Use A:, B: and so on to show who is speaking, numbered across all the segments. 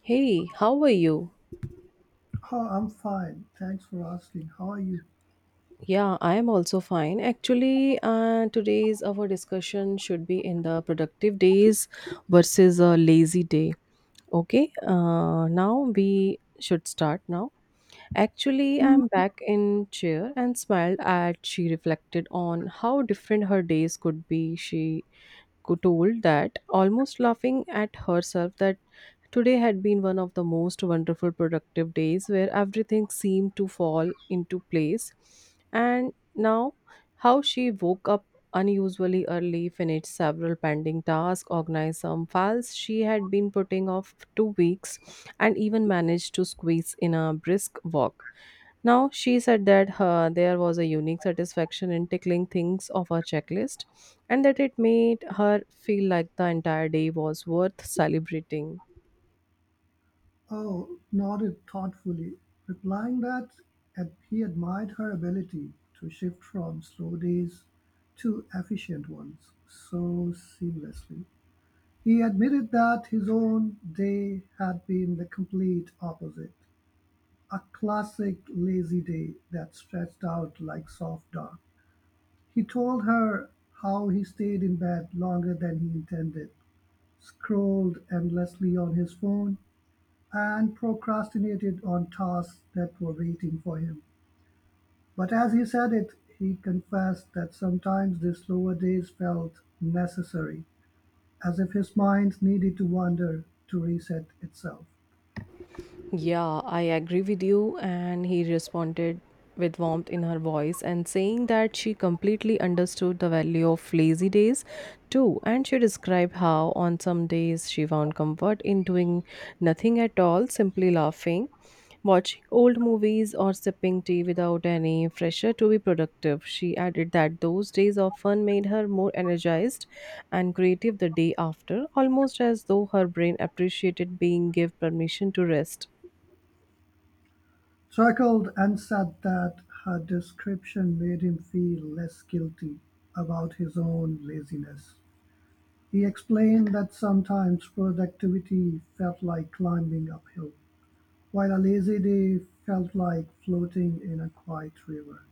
A: Hey, how are you?
B: Oh, I'm fine. Thanks for asking. How are you?
A: Yeah, I am also fine. Actually, today's our discussion should be in the productive days versus a lazy day. Okay, now we should start now. Actually, I'm back in chair and smiled at she reflected on how different her days could be. She could told that almost laughing at herself that today had been one of the most wonderful productive days where everything seemed to fall into place. And now, how she woke up unusually early, finished several pending tasks, organized some files she had been putting off for 2 weeks, and even managed to squeeze in a brisk walk. Now, she said that her, there was a unique satisfaction in tickling things off her checklist and that it made her feel like the entire day was worth celebrating.
B: Oh, nodded thoughtfully, replying that he admired her ability to shift from slow days to efficient ones so seamlessly. He admitted that his own day had been the complete opposite a classic lazy day that stretched out like soft dock. He told her how he stayed in bed longer than he intended scrolled endlessly on his phone, and procrastinated on tasks that were waiting for him. But as he said it, he confessed that sometimes the slower days felt necessary, as if his mind needed to wander to reset itself.
A: Yeah, I agree with you. And he responded with warmth in her voice and saying that she completely understood the value of lazy days too. And she described how on some days she found comfort in doing nothing at all, simply laughing, watching old movies, or sipping tea without any pressure to be productive. She added that those days often made her more energized and creative the day after, almost as though her brain appreciated being given permission to rest.
B: Chuckled and said that her description made him feel less guilty about his own laziness. He explained that sometimes productivity felt like climbing uphill while Alesi Dei felt like floating in a quiet river,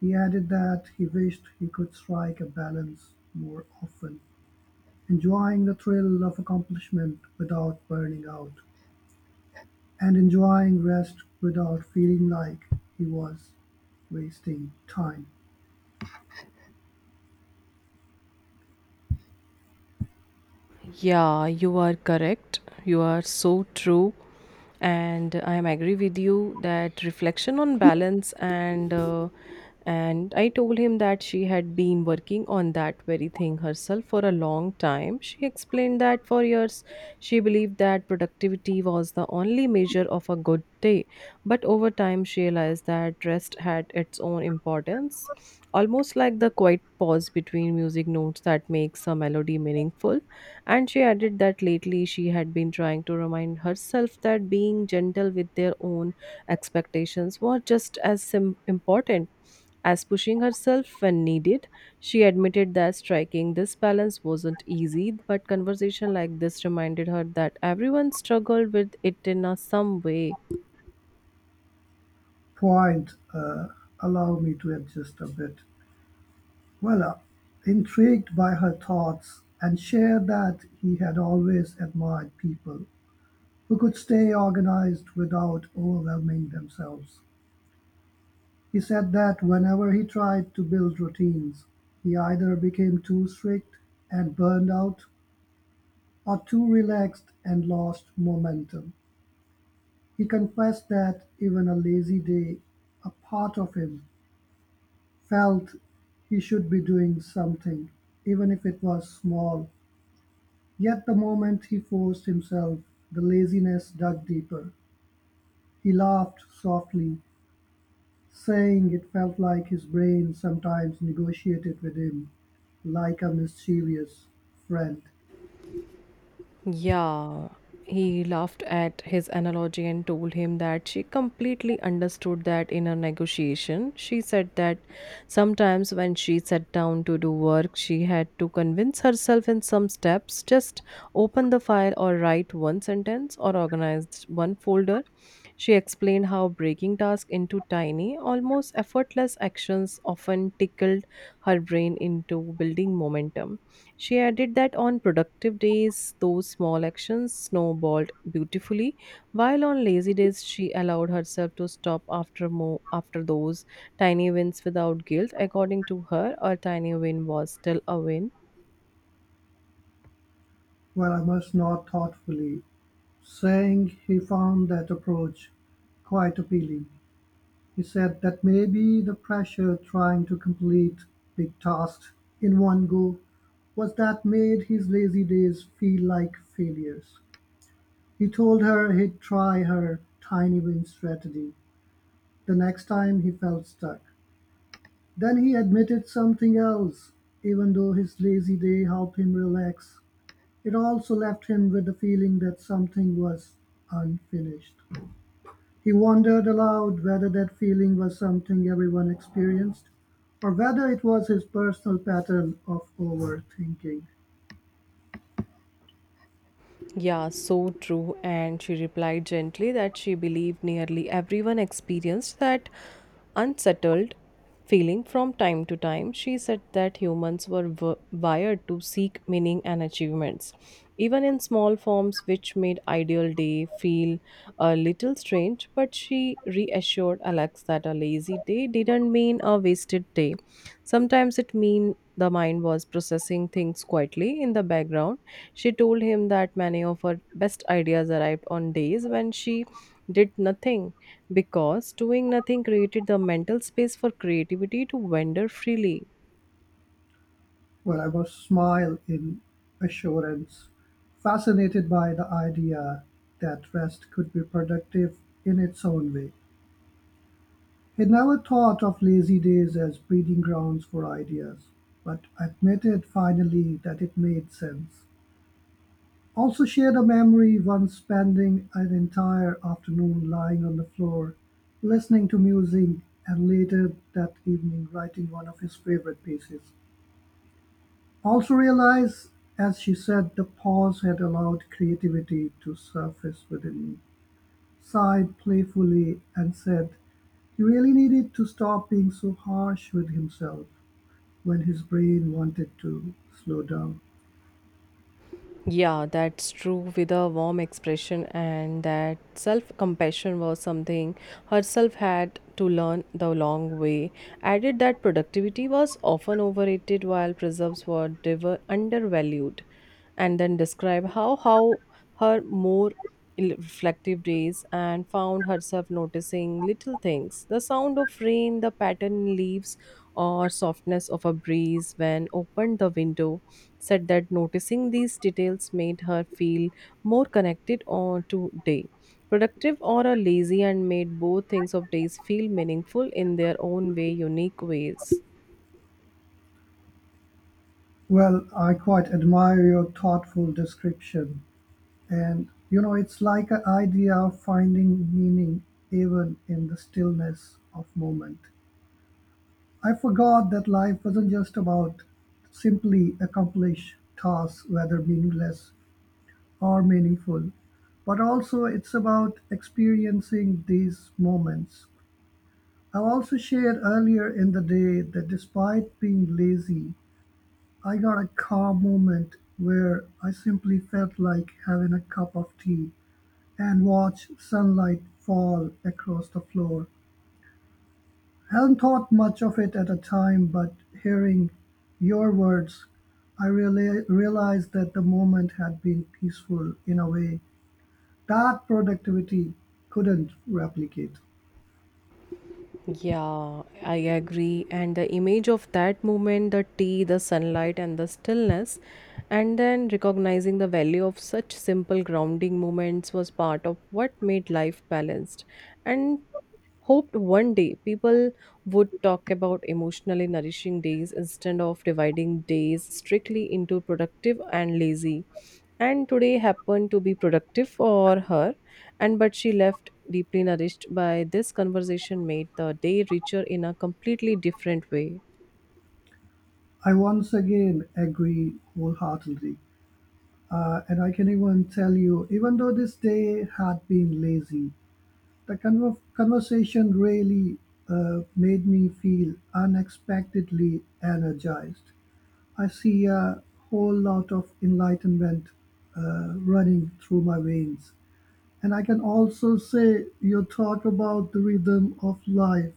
B: he added that he wished he could strike a balance more often, enjoying the thrill of accomplishment without burning out, and enjoying rest without feeling like he was wasting time.
A: Yeah, you are correct. You are so true. And I am agree with you that reflection on balance and I told him that she had been working on that very thing herself for a long time. She explained that for years she believed that productivity was the only measure of a good day, but over time she realized that rest had its own importance, almost like the quiet pause between music notes that makes a melody meaningful, and she added that lately she had been trying to remind herself that being gentle with their own expectations was just as important as pushing herself when needed. She admitted that striking this balance wasn't easy, but conversation like this reminded her that everyone struggled with it in a some way.
B: Point, allow me to adjust a bit. Well, intrigued by her thoughts, and shared that he had always admired people who could stay organized without overwhelming themselves. He said that whenever he tried to build routines, he either became too strict and burned out or too relaxed and lost momentum. He confessed that even a lazy day, a part of him felt he should be doing something, even if it was small. Yet the moment he forced himself, the laziness dug deeper. He laughed softly saying it felt like his brain sometimes negotiated with him, like a mischievous friend.
A: Yeah, he laughed at his analogy and told him that she completely understood that in a negotiation. She said that sometimes when she sat down to do work, she had to convince herself in some steps just open the file or write one sentence or organize one folder. She explained how breaking tasks into tiny, almost effortless actions often tickled her brain into building momentum. She added that on productive days, those small actions snowballed beautifully, while on lazy days, she allowed herself to stop after more after those tiny wins without guilt. According to her, a tiny win was still a win.
B: Well, I must nod thoughtfully, saying he found that approach quite appealing. He said that maybe the pressure trying to complete big tasks in one go was that made his lazy days feel like failures. He told her he'd try her tiny win strategy the next time he felt stuck. Then he admitted something else. Even though his lazy day helped him relax, it also left him with the feeling that something was unfinished. He wondered aloud whether that feeling was something everyone experienced or whether it was his personal pattern of overthinking.
A: Yeah, so true. And she replied gently that she believed nearly everyone experienced that unsettled feeling from time to time. She said that humans were wired to seek meaning and achievements, even in small forms, which made ideal day feel a little strange. But she reassured Alex that a lazy day didn't mean a wasted day. Sometimes it mean the mind was processing things quietly in the background. She told him that many of her best ideas arrived on days when she did nothing because doing nothing created the mental space for creativity to wander freely.
B: Well, I was smile in assurance, fascinated by the idea that rest could be productive in its own way. He never thought of lazy days as breeding grounds for ideas, but admitted finally that it made sense. Also shared a memory once spending an entire afternoon lying on the floor, listening to music, and later that evening writing one of his favorite pieces. Also realized, as she said, the pause had allowed creativity to surface within me. Sighed playfully and said he really needed to stop being so harsh with himself when his brain wanted to slow down.
A: Yeah, that's true with a warm expression, and that self compassion was something herself had to learn the long way. Added that productivity was often overrated while preserves were undervalued, and then describe how her more reflective days and found herself noticing little things, the sound of rain, the pattern in leaves, or softness of a breeze when opened the window. Said that noticing these details made her feel more connected on to day, productive or a lazy, and made both things of days feel meaningful in their own way, unique ways.
B: Well, I quite admire your thoughtful description. And, you know, it's like an idea of finding meaning even in the stillness of moment. I forgot that life wasn't just about simply accomplish tasks, whether meaningless or meaningful, but also it's about experiencing these moments. I also shared earlier in the day that despite being lazy, I got a calm moment where I simply felt like having a cup of tea and watch sunlight fall across the floor. Hadn't thought much of it at the time, but hearing your words, I really realized that the moment had been peaceful in a way that productivity couldn't replicate.
A: Yeah, I agree. And the image of that moment, the tea, the sunlight, and the stillness, and then recognizing the value of such simple grounding moments was part of what made life balanced. And hoped one day people would talk about emotionally nourishing days instead of dividing days strictly into productive and lazy, and today happened to be productive for her, and but she left deeply nourished by this conversation made the day richer in a completely different way.
B: I once again agree wholeheartedly. And I can even tell you, even though this day had been lazy, the conversation really made me feel unexpectedly energized. I see a whole lot of enlightenment running through my veins. And I can also say your talk about the rhythm of life,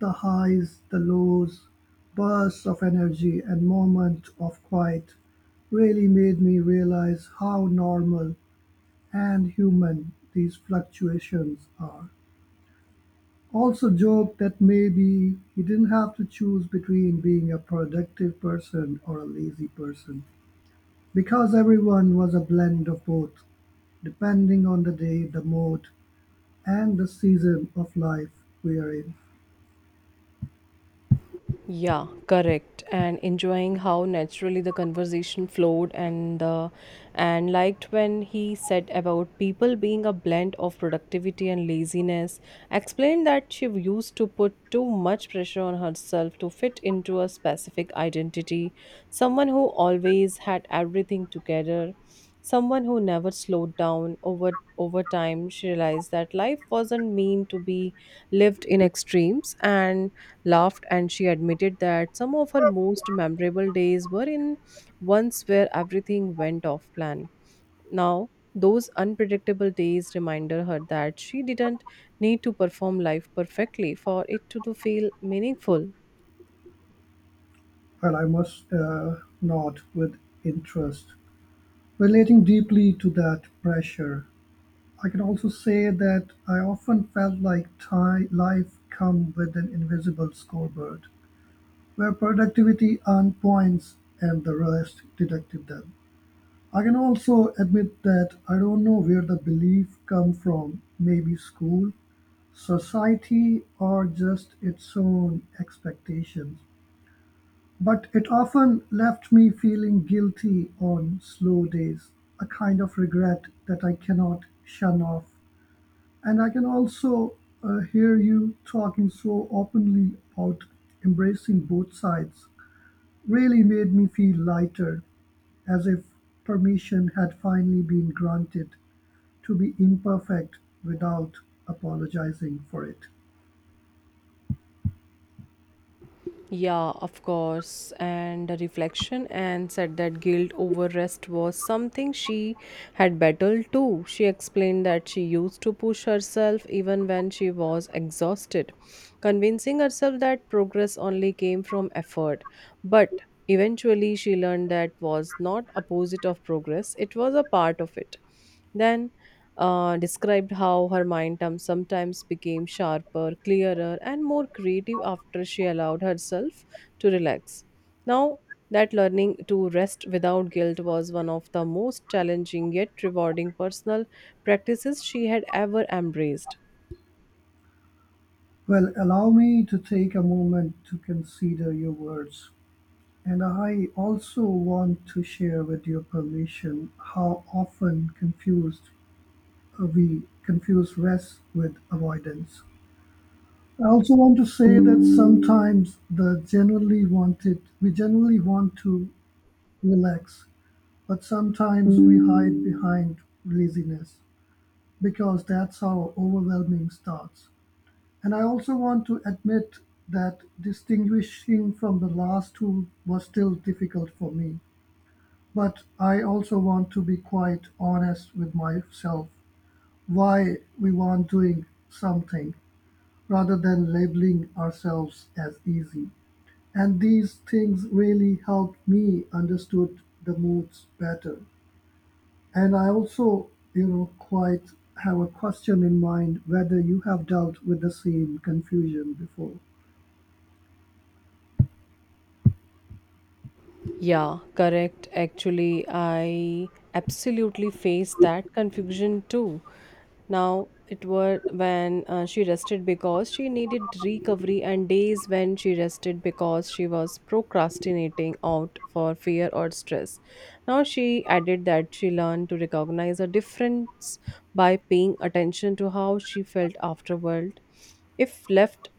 B: the highs, the lows, bursts of energy, and moments of quiet really made me realize how normal and human these fluctuations are. Also joked that maybe he didn't have to choose between being a productive person or a lazy person, because everyone was a blend of both, depending on the day, the mood, and the season of life we are in.
A: Yeah, correct. And enjoying how naturally the conversation flowed and liked when he said about people being a blend of productivity and laziness. Explained that she used to put too much pressure on herself to fit into a specific identity, someone who always had everything together. Someone who never slowed down over time, she realized that life wasn't meant to be lived in extremes, and laughed and she admitted that some of her most memorable days were in ones where everything went off plan. Now, those unpredictable days reminded her that she didn't need to perform life perfectly for it to feel meaningful.
B: Well, I must nod with interest. Relating deeply to that pressure, I can also say that I often felt like ti life come with an invisible scoreboard where productivity and points and the rest deducted them. I can also admit that I don't know where the belief come from, maybe school, society or just its own expectations. But it often left me feeling guilty on slow days, a kind of regret that I cannot shun off. And I can also hear you talking so openly about embracing both sides really made me feel lighter, as if permission had finally been granted to be imperfect without apologizing for it.
A: Yeah, of course. And the reflection and said that guilt over rest was something she had battled too. She explained that she used to push herself even when she was exhausted, convincing herself that progress only came from effort. But eventually she learned that was not opposite of progress, it was a part of it. Then described how her mind term sometimes became sharper, clearer, and more creative after she allowed herself to relax. Now, that learning to rest without guilt was one of the most challenging yet rewarding personal practices she had ever embraced.
B: Well, allow me to take a moment to consider your words. And I also want to share with your permission how often confused we confuse rest with avoidance. I also want to say that sometimes the generally wanted we generally want to relax but sometimes we hide behind laziness because that's how overwhelming starts. And I also want to admit that distinguishing from the last two was still difficult for me. But I also want to be quite honest with myself why we want doing something rather than labeling ourselves as easy. And these things really helped me understood the moods better. And I also, you know, quite have a question in mind whether you have dealt with the same confusion before.
A: Yeah, correct. Actually, I absolutely faced that confusion too. Now, it were when she rested because she needed recovery, and days when she rested because she was procrastinating out for fear or stress. Now, she added that she learned to recognize a difference by paying attention to how she felt afterward. If left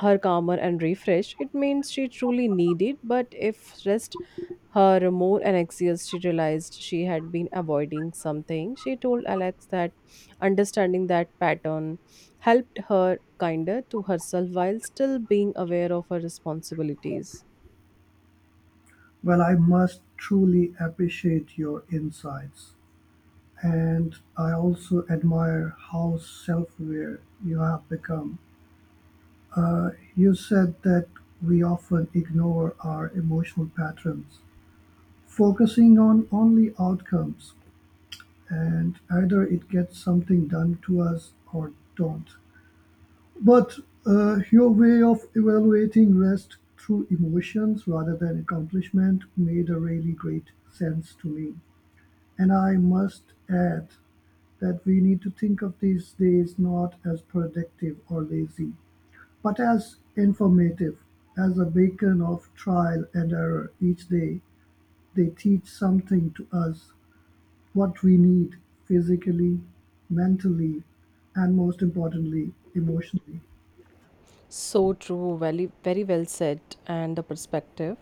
A: her calmer and refreshed, it means she truly needed, but if stressed her more and anxious, she realized she had been avoiding something. She told Alex that understanding that pattern helped her kinder to herself while still being aware of her responsibilities.
B: Well, I must truly appreciate your insights. And I also admire how self aware you have become. You said that we often ignore our emotional patterns, focusing on only outcomes, and either it gets something done to us or don't. But your way of evaluating rest through emotions rather than accomplishment made a really great sense to me. And I must add that we need to think of these days not as productive or lazy, but as informative, as a beacon of trial and error each day. They teach something to us what we need physically, mentally, and most importantly, emotionally.
A: So true, very, very well said, and the perspective.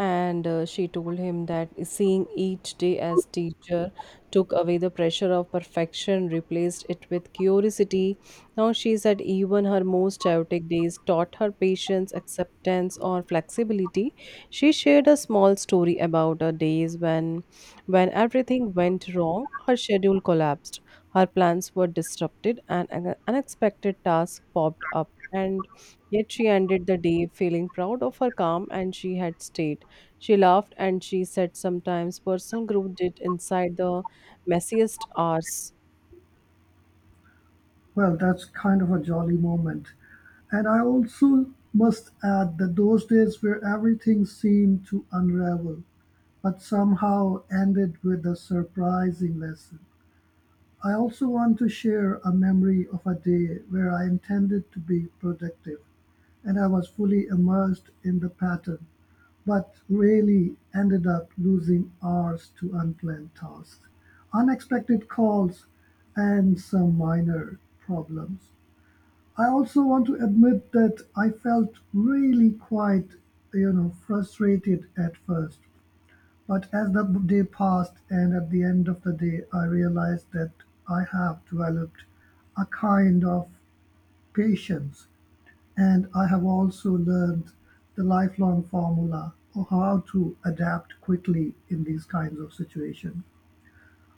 A: And she told him that seeing each day as teacher took away the pressure of perfection, replaced it with curiosity. Now she said even her most chaotic days taught her patience, acceptance, or flexibility. She shared a small story about her days when everything went wrong, her schedule collapsed, her plans were disrupted, and an unexpected task popped up. And yet she ended the day feeling proud of her calm and she had stayed. She laughed and she said sometimes personal growth did inside the messiest hours.
B: Well, that's kind of a jolly moment. And I also must add that those days where everything seemed to unravel, but somehow ended with a surprising lesson. I also want to share a memory of a day where I intended to be productive and I was fully immersed in the pattern, but really ended up losing hours to unplanned tasks, unexpected calls, and some minor problems. I also want to admit that I felt really quite, you know, frustrated at first but as the day passed and at the end of the day I realized that I have developed a kind of patience and I have also learned the lifelong formula of how to adapt quickly in these kinds of situations.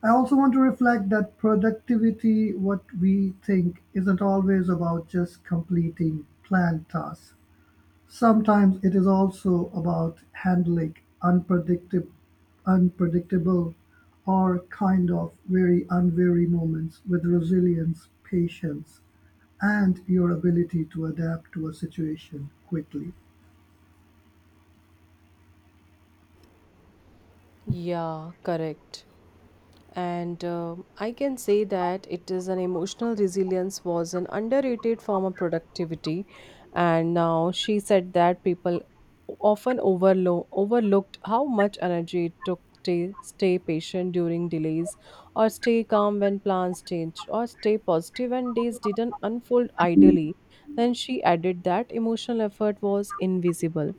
B: I also want to reflect that productivity, what we think, isn't always about just completing planned tasks. Sometimes it is also about handling unpredictable unpredictable, or kind of very unwary moments with resilience, patience, and your ability to adapt to a situation quickly.
A: Yeah, correct. And I can say that it is an emotional resilience was an underrated form of productivity, and now she said that people often overlooked how much energy it took to stay patient during delays or stay calm when plans changed or stay positive when days didn't unfold ideally. Then she added that emotional effort was invisible,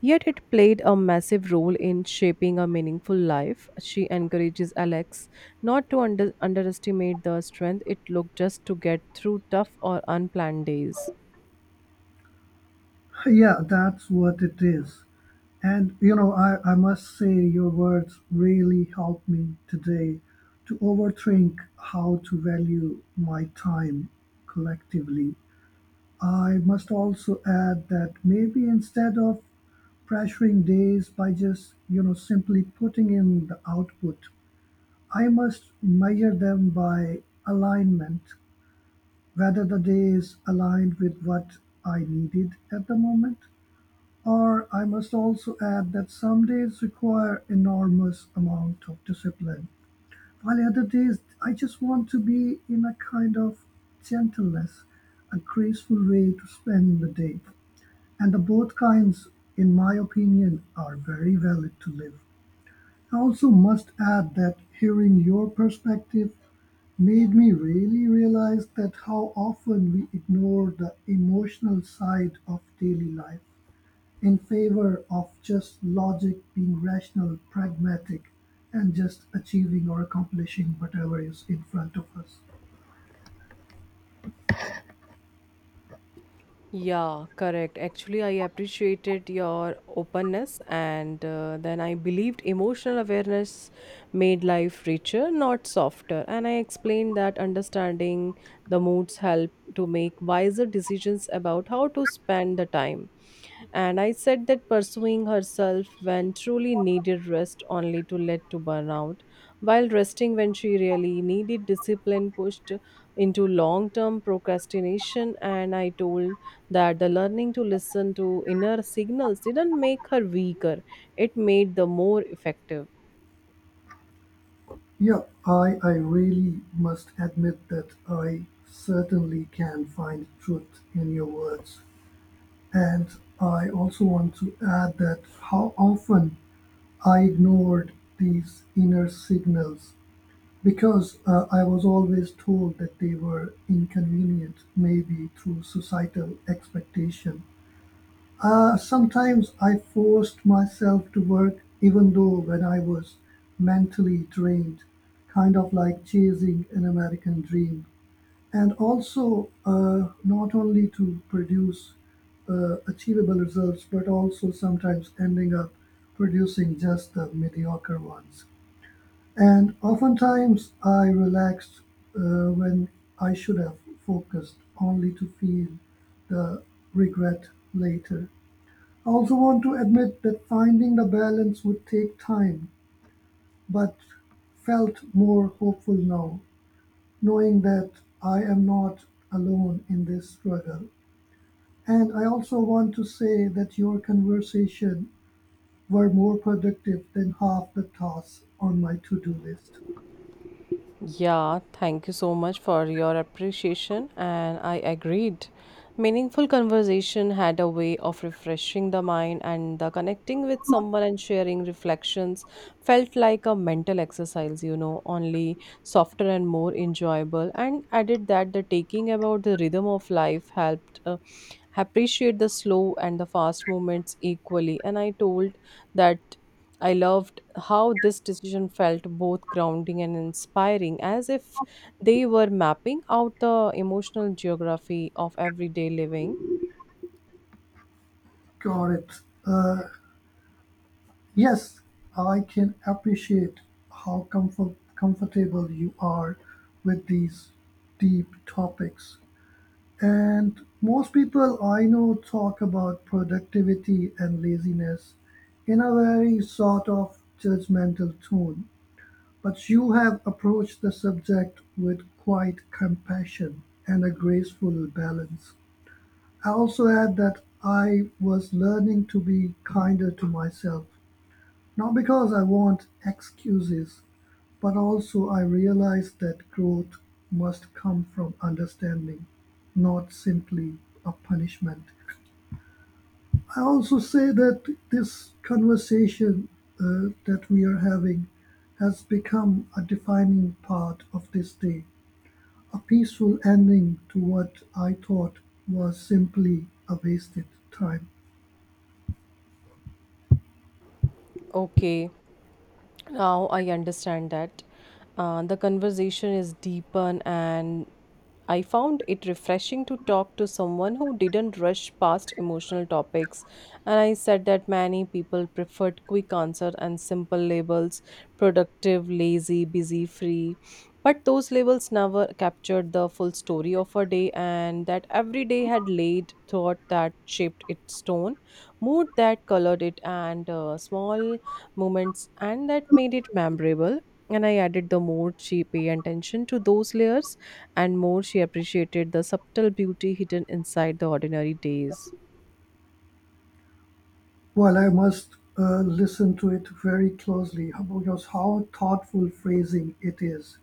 A: yet it played a massive role in shaping a meaningful life. She encourages Alex not to underestimate the strength it took just to get through tough or unplanned days.
B: Yeah, that's what it is. And you know, I must say your words really helped me today to overthink how to value my time collectively. I must also add that maybe instead of pressuring days by just, you know, simply putting in the output, I must measure them by alignment, whether the day is aligned with what I needed at the moment. Or I must also add that some days require enormous amount of discipline, while other days I just want to be in a kind of gentleness, a graceful way to spend the day. And the both kinds, in my opinion, are very valid to live. I also must add that hearing your perspective made me really realize that how often we ignore the emotional side of daily life in favor of just logic being rational, pragmatic, and just achieving or accomplishing whatever is in front of us.
A: Yeah, correct. Actually, I appreciated your openness, and then I believed emotional awareness made life richer, not softer. And I explained that understanding the moods help to make wiser decisions about how to spend the time. And I said that pursuing herself when truly needed rest only to lead to burnout, while resting when she really needed discipline pushed into long term procrastination. And I told that the learning to listen to inner signals didn't make her weaker, it made the more effective.
B: Yeah, I really must admit that I certainly can find truth in your words. And I also want to add that how often I ignored these inner signals because I was always told that they were inconvenient, maybe through societal expectation. Sometimes I forced myself to work even though when I was mentally drained, kind of like chasing an American dream. And also, not only to produce achievable results, but also sometimes ending up producing just the mediocre ones. And oftentimes I relaxed when I should have focused only to feel the regret later. I also want to admit that finding the balance would take time, but felt more hopeful now, knowing that I am not alone in this struggle. And I also want to say that your conversation were more productive than half the tasks on my to-do list.
A: Yeah, thank you so much for your appreciation, and I agreed. Meaningful conversation had a way of refreshing the mind, and the connecting with someone and sharing reflections felt like a mental exercise, only softer and more enjoyable. And added that the taking about the rhythm of life helped appreciate the slow and the fast moments equally. And I told that. I loved how this decision felt both grounding and inspiring, as if they were mapping out the emotional geography of everyday living.
B: Got it. Uh, yes, I can appreciate how comfortable you are with these deep topics. And most people I know talk about productivity and laziness in a very sort of judgmental tone, but you have approached the subject with quite compassion and a graceful balance. I also add that I was learning to be kinder to myself not because I want excuses, but also I realize that growth must come from understanding, not simply a punishment. I also say that this conversation that we are having has become a defining part of this day, a peaceful ending to what I thought was simply a wasted time.
A: Okay. Now I understand that the conversation is deepened, and I found it refreshing to talk to someone who didn't rush past emotional topics. And I said that many people preferred quick answers and simple labels: productive, lazy, busy, free. But those labels never captured the full story of a day, and that every day had laid thought that shaped its tone, mood that colored it, and small moments, and that made it memorable. And I added the more she paid attention to those layers, and more she appreciated the subtle beauty hidden inside the ordinary days.
B: Well, I must listen to it very closely because how thoughtful phrasing it is.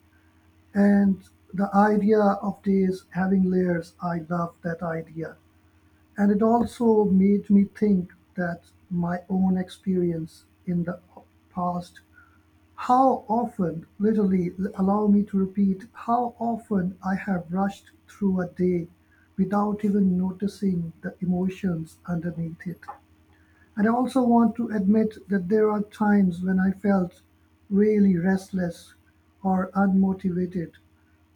B: And the idea of days having layers, I love that idea. And it also made me think that my own experience in the past, how often, literally, allow me to repeat, how often I have rushed through a day without even noticing the emotions underneath it. And I also want to admit that there are times when I felt really restless or unmotivated,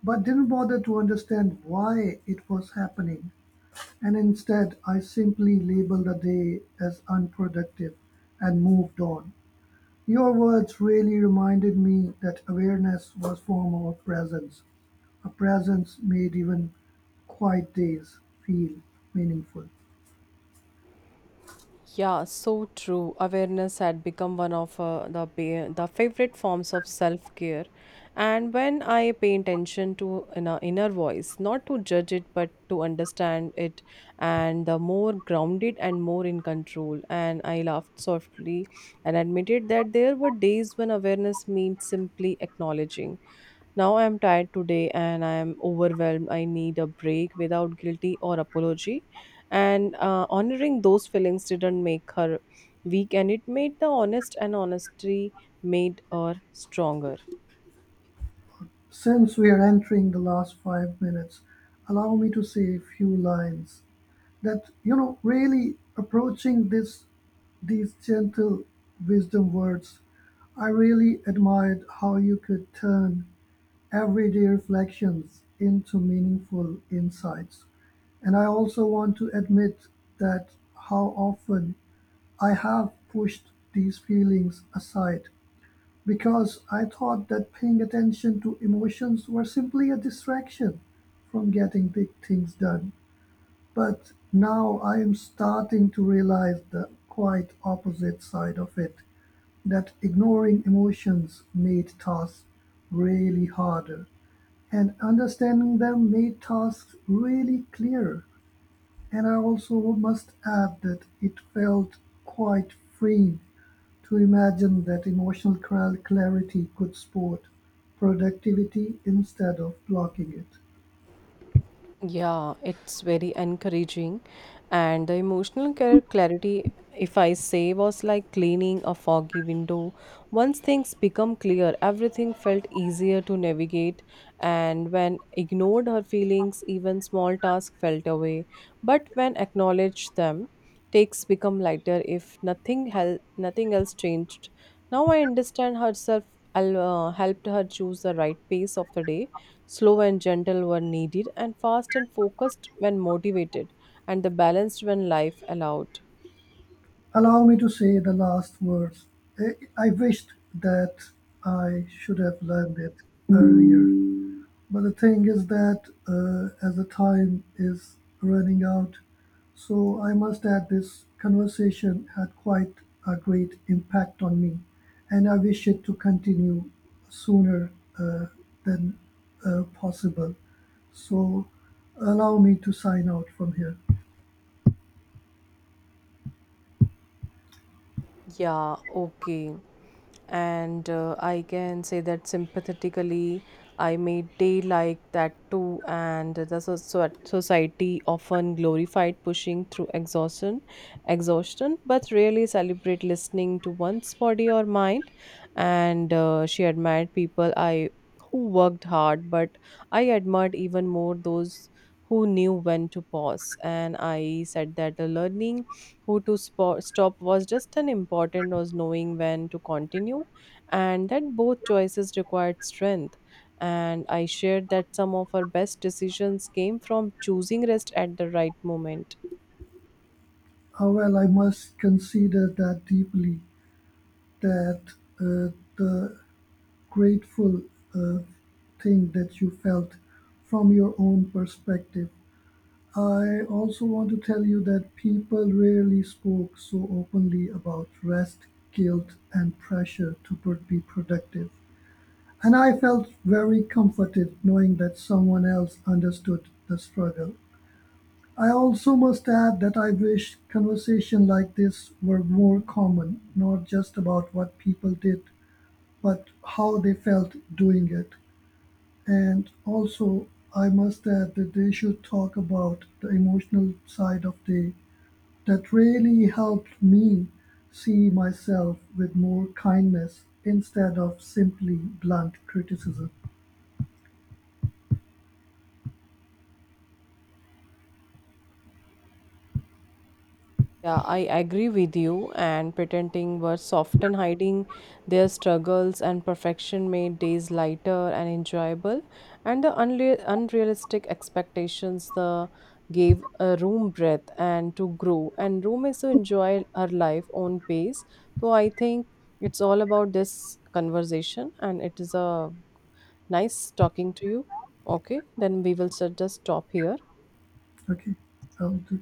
B: but didn't bother to understand why it was happening. And instead, I simply labeled the day as unproductive and moved on. Your words really reminded me that awareness was a form of presence. A presence made even quiet days feel meaningful.
A: Yeah, so true. Awareness had become one of the the favorite forms of self care, and when I pay attention to an inner voice, not to judge it but to understand it, and the more grounded and more in control. And I laughed softly and admitted that there were days when awareness means simply acknowledging. Now I am tired today and I am overwhelmed. I need a break without guilty or apology. And honoring those feelings didn't make her weak, and it made the honest, and honesty made her stronger.
B: Since we are entering the last 5 minutes, allow me to say a few lines that, you know, really approaching this, these gentle wisdom words, I really admired how you could turn everyday reflections into meaningful insights. And I also want to admit that how often I have pushed these feelings aside because I thought that paying attention to emotions were simply a distraction from getting big things done. But now I am starting to realize the quite opposite side of it that ignoring emotions made tasks really harder and understanding them made tasks really clearer. And I also must add that it felt quite freeing to imagine that emotional clarity could support productivity instead of blocking it.
A: Yeah, it's very encouraging. And the emotional care clarity, if I say, was like cleaning a foggy window. Once things become clear, everything felt easier to navigate. And when ignored her feelings, even small tasks felt away. But when acknowledged them, takes become lighter if nothing nothing else changed. Now I understand herself helped her choose the right pace of the day, slow and gentle when needed, and fast and focused when motivated, and the balanced when life allowed.
B: Allow me to say the last words. I, I wished that I should have learned it earlier. But the thing is that as the time is running out, so I must add this conversation had quite a great impact on me, and I wish it to continue sooner uh, than possible. So allow me to sign out from here.
A: Yeah, okay. And I can say that sympathetically I made day like that too, and the society often glorified pushing through exhaustion but rarely celebrate listening to one's body or mind, and she admired people I who worked hard, but I admired even more those who knew when to pause, and I said that the learning who to stop was just an important was knowing when to continue, and that both choices required strength, and I shared that some of our best decisions came from choosing rest at the right moment.
B: However, I must consider that deeply, that uh, the grateful uh, thing that you felt from your own perspective. I also want to tell you that people rarely spoke so openly about rest, guilt, and pressure to be productive. And I felt very comforted knowing that someone else understood the struggle. I also must add that I wish conversation like this were more common, not just about what people did, but how they felt doing it. And also, I must add that they should talk about the emotional side of day. That really helped me see myself with more kindness instead of simply blunt criticism.
A: Yeah, I agree with you. And pretending was often hiding their struggles and perfection made days lighter and enjoyable. And the unrealistic expectations the gave a room breath and to grow. And room is to enjoy her life on pace. So I think it's all about this conversation, and it is a nice talking to you. Okay, then we will just stop here.
B: Okay, I'll do.